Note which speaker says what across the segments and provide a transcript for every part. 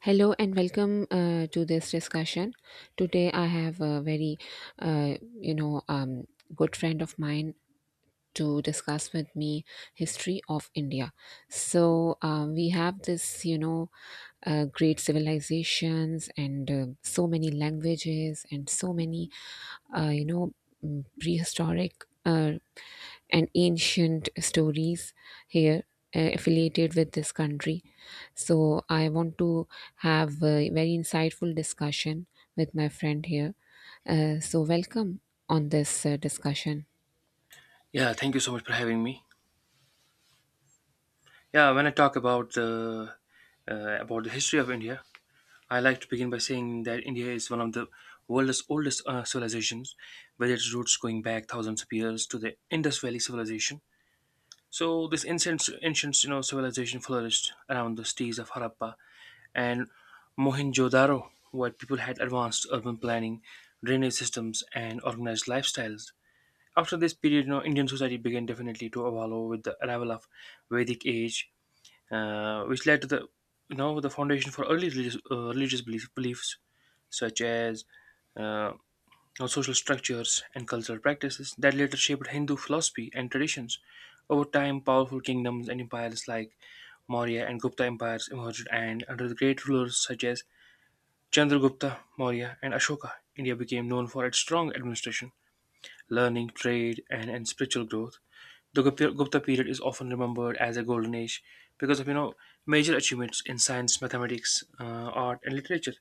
Speaker 1: Hello and welcome to this discussion. Today I have a very, uh, you know, um, good friend of mine to discuss with me history of India. So we have this, great civilizations and so many languages and so many, uh, you know prehistoric, and ancient stories here, affiliated with this country. So I want to have a very insightful discussion with my friend here. So welcome on this discussion.
Speaker 2: Yeah, thank you so much for having me. Yeah, when I talk about the history of India, I like to begin by saying that India is one of the world's oldest civilizations, with its roots going back thousands of years to the Indus Valley civilization. So this ancient, ancient civilization flourished around the cities of Harappa and Mohenjo-daro, where people had advanced urban planning, drainage systems, and organized lifestyles. After this period, Indian society began definitely to evolve with the arrival of Vedic age, which led to the the foundation for early religious, religious beliefs such as uh, on social structures and cultural practices that later shaped Hindu philosophy and traditions. Over time, powerful kingdoms and empires like Maurya and Gupta empires emerged, and under the great rulers such as Chandragupta, Maurya, and Ashoka, India became known for its strong administration, learning, trade, and spiritual growth. The Gupta period is often remembered as a golden age because of major achievements in science, mathematics, art, and literature.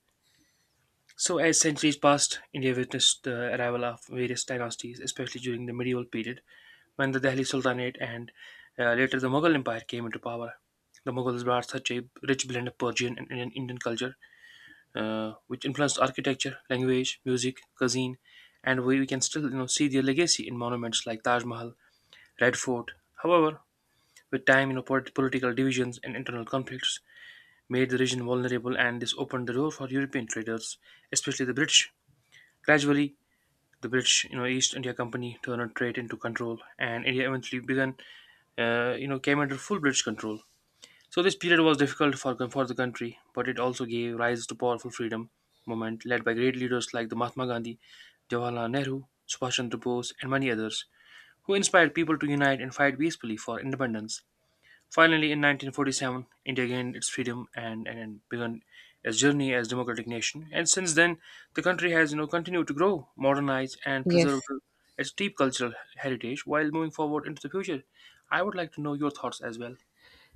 Speaker 2: So, as centuries passed, India witnessed the arrival of various dynasties, especially during the medieval period when the Delhi Sultanate and later the Mughal Empire came into power. The Mughals brought such a rich blend of Persian and Indian culture, which influenced architecture, language, music, cuisine, and we can still see their legacy in monuments like Taj Mahal, Red Fort. However, with time, political divisions and internal conflicts made the region vulnerable, and this opened the door for European traders, especially the British. Gradually, the British, East India Company turned trade into control, and India eventually came under full British control. So this period was difficult for the country, but it also gave rise to powerful freedom movement led by great leaders like the Mahatma Gandhi, Jawaharlal Nehru, Subhash Chandra Bose, and many others, who inspired people to unite and fight peacefully for independence. Finally, in 1947, India gained its freedom and began its journey as democratic nation. And since then, the country has continued to grow, modernize, and
Speaker 1: Yes.
Speaker 2: preserve its deep cultural heritage while moving forward into the future. I would like to know your thoughts as well.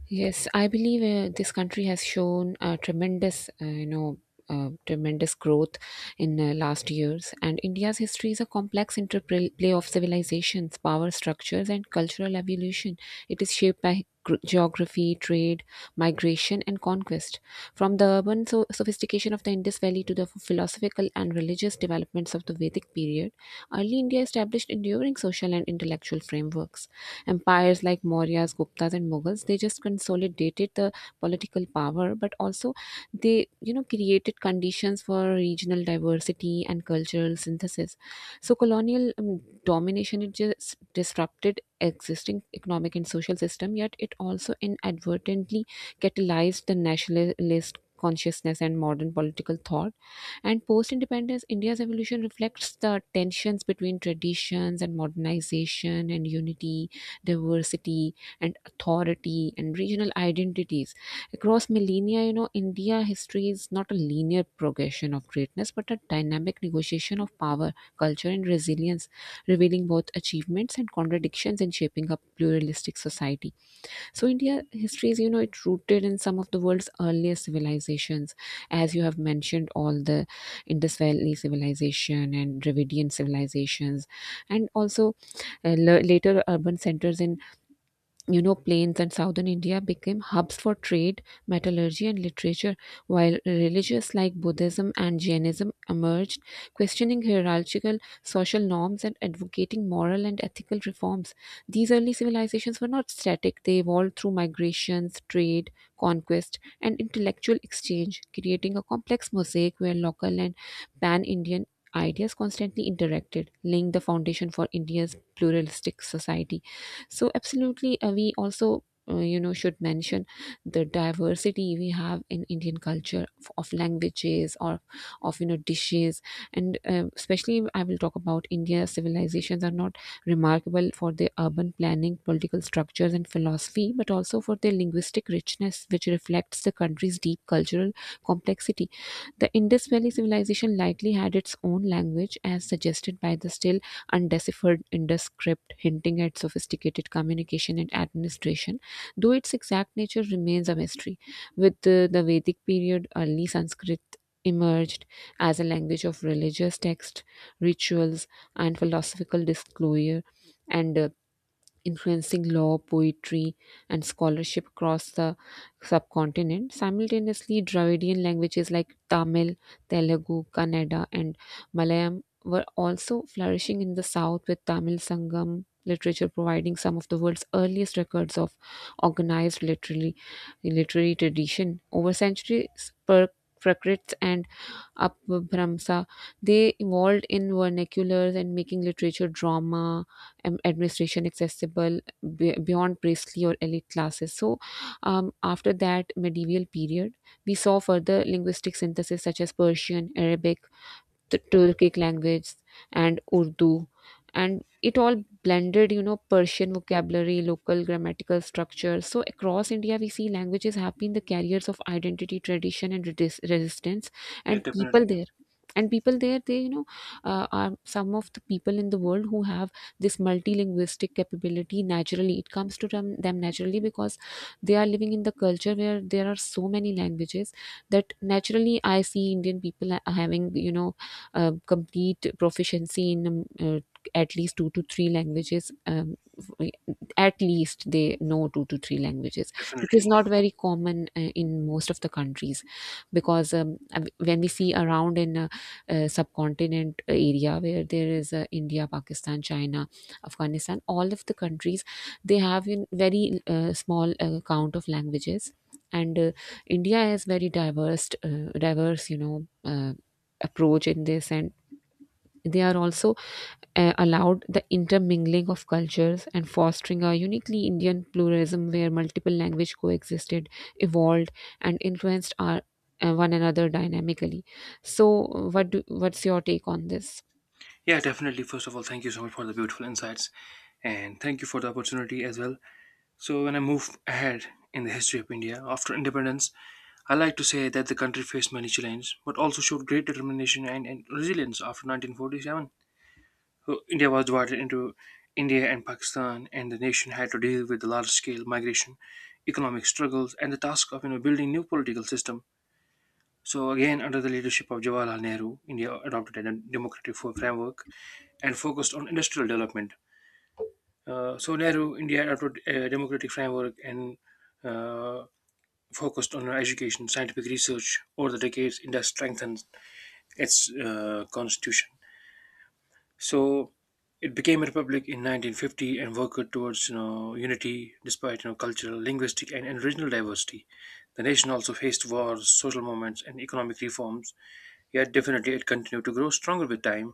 Speaker 1: Yes, I believe this country has shown tremendous growth in last years. And India's history is a complex interplay of civilizations, power structures, and cultural evolution. It is shaped by geography, trade, migration, and conquest. From the urban sophistication of the Indus Valley to the philosophical and religious developments of the Vedic period, early India established enduring social and intellectual frameworks. Empires like Mauryas, Guptas, and Mughals, they just consolidated the political power, but also they, created conditions for regional diversity and cultural synthesis. So colonial domination, it just disrupted existing economic and social system, yet it also inadvertently catalyzed the nationalist consciousness and modern political thought. And post independence, India's evolution reflects the tensions between traditions and modernization, and unity, diversity, and authority, and regional identities across millennia. India history is not a linear progression of greatness, but a dynamic negotiation of power, culture, and resilience, revealing both achievements and contradictions in shaping a pluralistic society. So India history is, it rooted in some of the world's earliest civilizations, as you have mentioned, all the Indus Valley civilization and Dravidian civilizations. And also, later urban centers in, plains and southern India became hubs for trade, metallurgy, and literature, while religions like Buddhism and Jainism emerged, questioning hierarchical social norms and advocating moral and ethical reforms. These early civilizations were not static. They evolved through migrations, trade, conquest, and intellectual exchange, creating a complex mosaic where local and pan Indian ideas constantly interacted, laying the foundation for India's pluralistic society. So absolutely, we also should mention the diversity we have in Indian culture, of languages, or of dishes. And especially I will talk about India civilizations are not remarkable for their urban planning, political structures, and philosophy, but also for their linguistic richness, which reflects the country's deep cultural complexity. The Indus Valley civilization likely had its own language, as suggested by the still undeciphered Indus script, hinting at sophisticated communication and administration, though its exact nature remains a mystery. With the Vedic period, early Sanskrit emerged as a language of religious text, rituals, and philosophical disclosure, and influencing law, poetry, and scholarship across the subcontinent. Simultaneously, Dravidian languages like Tamil, Telugu, Kannada, and Malayalam were also flourishing in the south, with Tamil Sangam literature providing some of the world's earliest records of organized literary tradition. Over centuries, Prakrit and Apabhramsa, they evolved in vernaculars and making literature, drama, and administration accessible beyond priestly or elite classes. So, after that medieval period, we saw further linguistic synthesis such as Persian, Arabic, the Turkic language and Urdu, and it all blended, Persian vocabulary, local grammatical structure. So across India, we see languages have been the carriers of identity, tradition, and resistance,
Speaker 2: Yeah,
Speaker 1: and
Speaker 2: definitely,
Speaker 1: people there. And people there, they are some of the people in the world who have this multilinguistic capability naturally. It comes to them naturally because they are living in the culture where there are so many languages that naturally I see Indian people having, complete proficiency in, at least two to three languages. At least they know two to three languages, which
Speaker 2: definitely.
Speaker 1: is not very common in most of the countries, because when we see around in subcontinent area where there is India, Pakistan, China, Afghanistan, all of the countries, they have in very small count of languages. And India is very diverse. Approach in this, and they are also allowed the intermingling of cultures and fostering a uniquely Indian pluralism where multiple language coexisted, evolved, and influenced our one another dynamically. So what's your take on this?
Speaker 2: Yeah, definitely. First of all, thank you so much for the beautiful insights, and thank you for the opportunity as well. So, when I move ahead in the history of India after independence, I like to say that the country faced many challenges, but also showed great determination and resilience after 1947. So India was divided into India and Pakistan, and the nation had to deal with the large-scale migration, economic struggles, and the task of building new political system. So again, under the leadership of Jawaharlal Nehru, India adopted a democratic framework and focused on industrial development. So Nehru, India adopted a democratic framework and uh, focused on education, scientific research, over the decades, India strengthened its constitution. So it became a republic in 1950 and worked towards unity despite cultural, linguistic, and regional diversity. The nation also faced wars, social movements, and economic reforms, yet definitely it continued to grow stronger with time.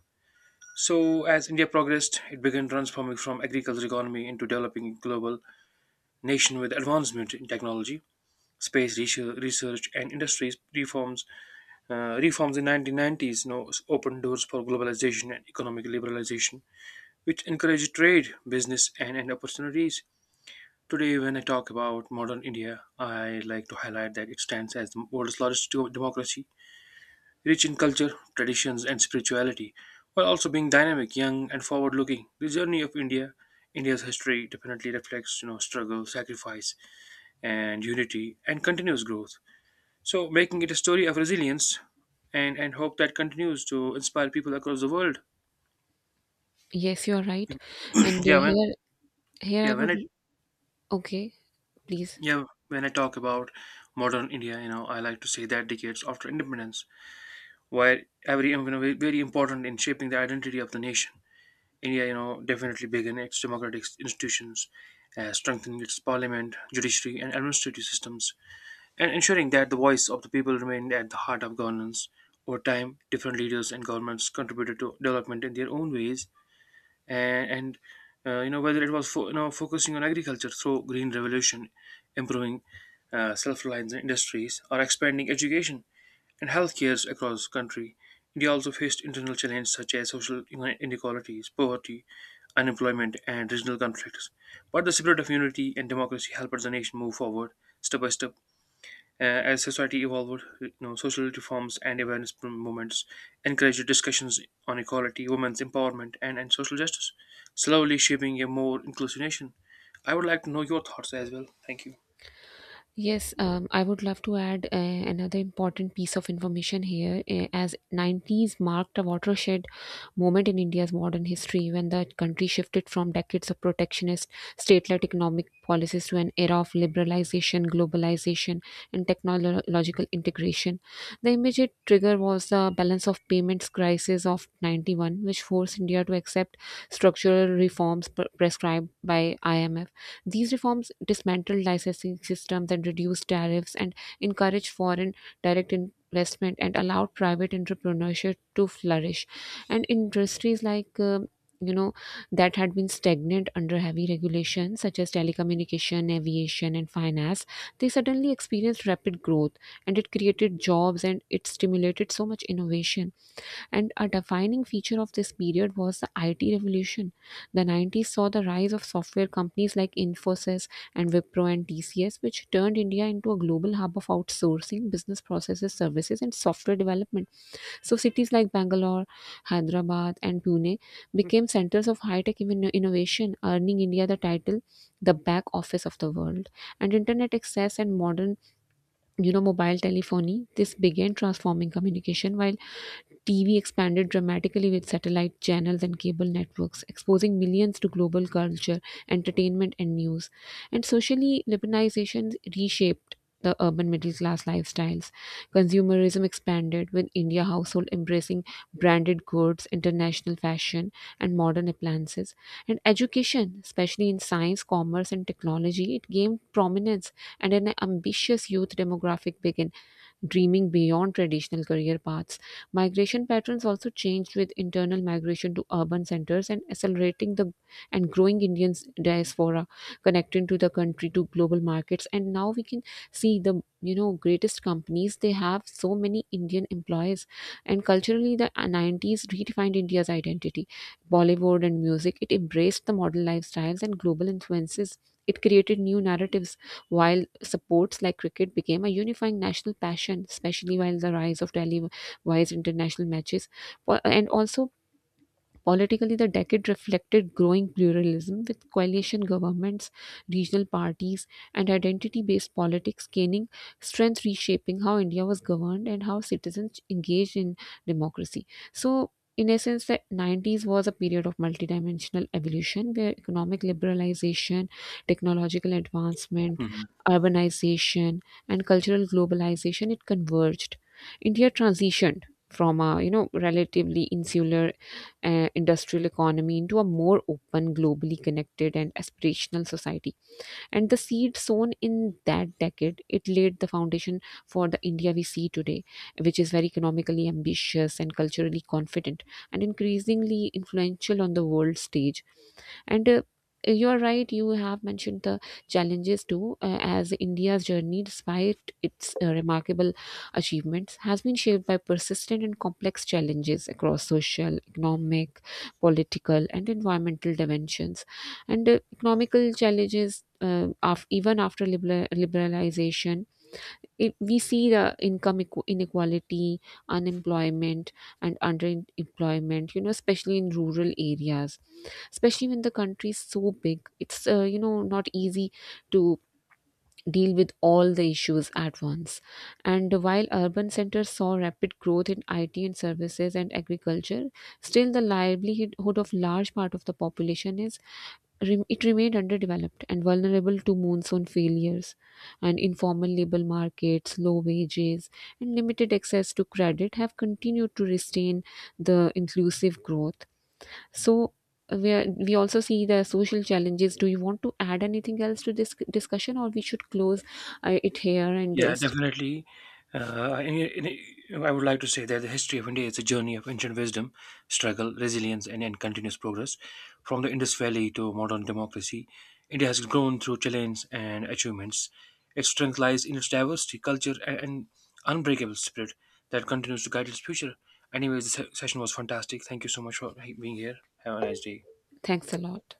Speaker 2: So, as India progressed, it began transforming from agricultural economy into developing global nation with advancement in technology space research and industries reforms in 1990s, opened doors for globalization and economic liberalization, which encouraged trade, business, and opportunities. Today, when I talk about modern India, I like to highlight that it stands as the world's largest democracy, rich in culture, traditions, and spirituality, while also being dynamic, young, and forward-looking. The journey of India's history, definitely reflects struggle, sacrifice, and unity, and continuous growth. So making it a story of resilience and hope that continues to inspire people across the world.
Speaker 1: Yes, you're right. And
Speaker 2: yeah, when
Speaker 1: here,
Speaker 2: yeah
Speaker 1: I
Speaker 2: when
Speaker 1: would.
Speaker 2: it
Speaker 1: Okay, please.
Speaker 2: yeah when I talk about modern India, I like to say that decades after independence, while every very important in shaping the identity of the nation. India, definitely began its democratic institutions, strengthening its parliament, judiciary, and administrative systems, and ensuring that the voice of the people remained at the heart of governance. Over time, different leaders and governments contributed to development in their own ways, and whether it was focusing on agriculture through green revolution, improving self-reliance in industries, or expanding education and healthcare across the country. India also faced internal challenges such as social inequalities, poverty, unemployment, and regional conflicts. But the spirit of unity and democracy helped the nation move forward step by step. As society evolved, social reforms and awareness movements encouraged discussions on equality, women's empowerment, and social justice, slowly shaping a more inclusive nation. I would like to know your thoughts as well. Thank you.
Speaker 1: Yes, I would love to add another important piece of information here, as 90s marked a watershed moment in India's modern history when the country shifted from decades of protectionist state-led economic policies to an era of liberalization, globalization, and technological integration. The immediate trigger was the balance of payments crisis of 91, which forced India to accept structural reforms prescribed by IMF. These reforms dismantled licensing systems and reduced tariffs and encouraged foreign direct investment and allowed private entrepreneurship to flourish. And industries like, you know that had been stagnant under heavy regulation such as telecommunication, aviation, and finance, they suddenly experienced rapid growth, and it created jobs, and it stimulated so much innovation. And a defining feature of this period was the IT revolution. The 90s saw the rise of software companies like Infosys and Wipro and TCS, which turned India into a global hub of outsourcing, business processes, services, and software development. So, cities like Bangalore, Hyderabad, and Pune became centers of high tech innovation, earning India the title "the back office of the world." And internet access and modern, mobile telephony, this began transforming communication, while TV expanded dramatically with satellite channels and cable networks, exposing millions to global culture, entertainment, and news. And socially, liberalization reshaped the urban middle class lifestyles. Consumerism expanded with India household embracing branded goods, international fashion, and modern appliances. And education, especially in science, commerce, and technology, it gained prominence, and an ambitious youth demographic began dreaming beyond traditional career paths. Migration patterns also changed with internal migration to urban centers and accelerating the, and growing Indian diaspora, connecting to the country to global markets. And now we can see the, greatest companies, they have so many Indian employees. And culturally, the 90s redefined India's identity. Bollywood and music, it embraced the modern lifestyles and global influences. It created new narratives, while sports like cricket became a unifying national passion, especially while the rise of televised international matches. And also, politically, the decade reflected growing pluralism with coalition governments, regional parties, and identity based politics gaining strength, reshaping how India was governed and how citizens engaged in democracy. So, in essence, the 90s was a period of multidimensional evolution where economic liberalization, technological advancement,
Speaker 2: Mhm.
Speaker 1: urbanization, and cultural globalization, it converged. India transitioned from a, relatively insular, industrial economy into a more open, globally connected, and aspirational society. And the seed sown in that decade, it laid the foundation for the India we see today, which is very economically ambitious and culturally confident and increasingly influential on the world stage. And you're right, you have mentioned the challenges too, as India's journey, despite its remarkable achievements, has been shaped by persistent and complex challenges across social, economic, political, and environmental dimensions. And economical challenges. Even after liberalization, we see the income inequality, unemployment, and underemployment, especially in rural areas, especially when the country is so big, it's not easy to deal with all the issues at once. And while urban centers saw rapid growth in IT and services and agriculture, still the livelihood of large part of the population is it remained underdeveloped and vulnerable to monsoon failures, and informal labor markets, low wages, and limited access to credit have continued to restrain the inclusive growth. So we also see the social challenges. Do you want to add anything else to this discussion, or we should close it here? And
Speaker 2: Yeah, definitely. Uh, and, it- and it- I would like to say that the history of India is a journey of ancient wisdom, struggle, resilience, and continuous progress. From the Indus Valley to modern democracy, India has grown through challenges and achievements. Its strength lies in its diversity, culture, and unbreakable spirit that continues to guide its future. Anyways, the session was fantastic. Thank you so much for being here. Have a nice day.
Speaker 1: thanks a lot.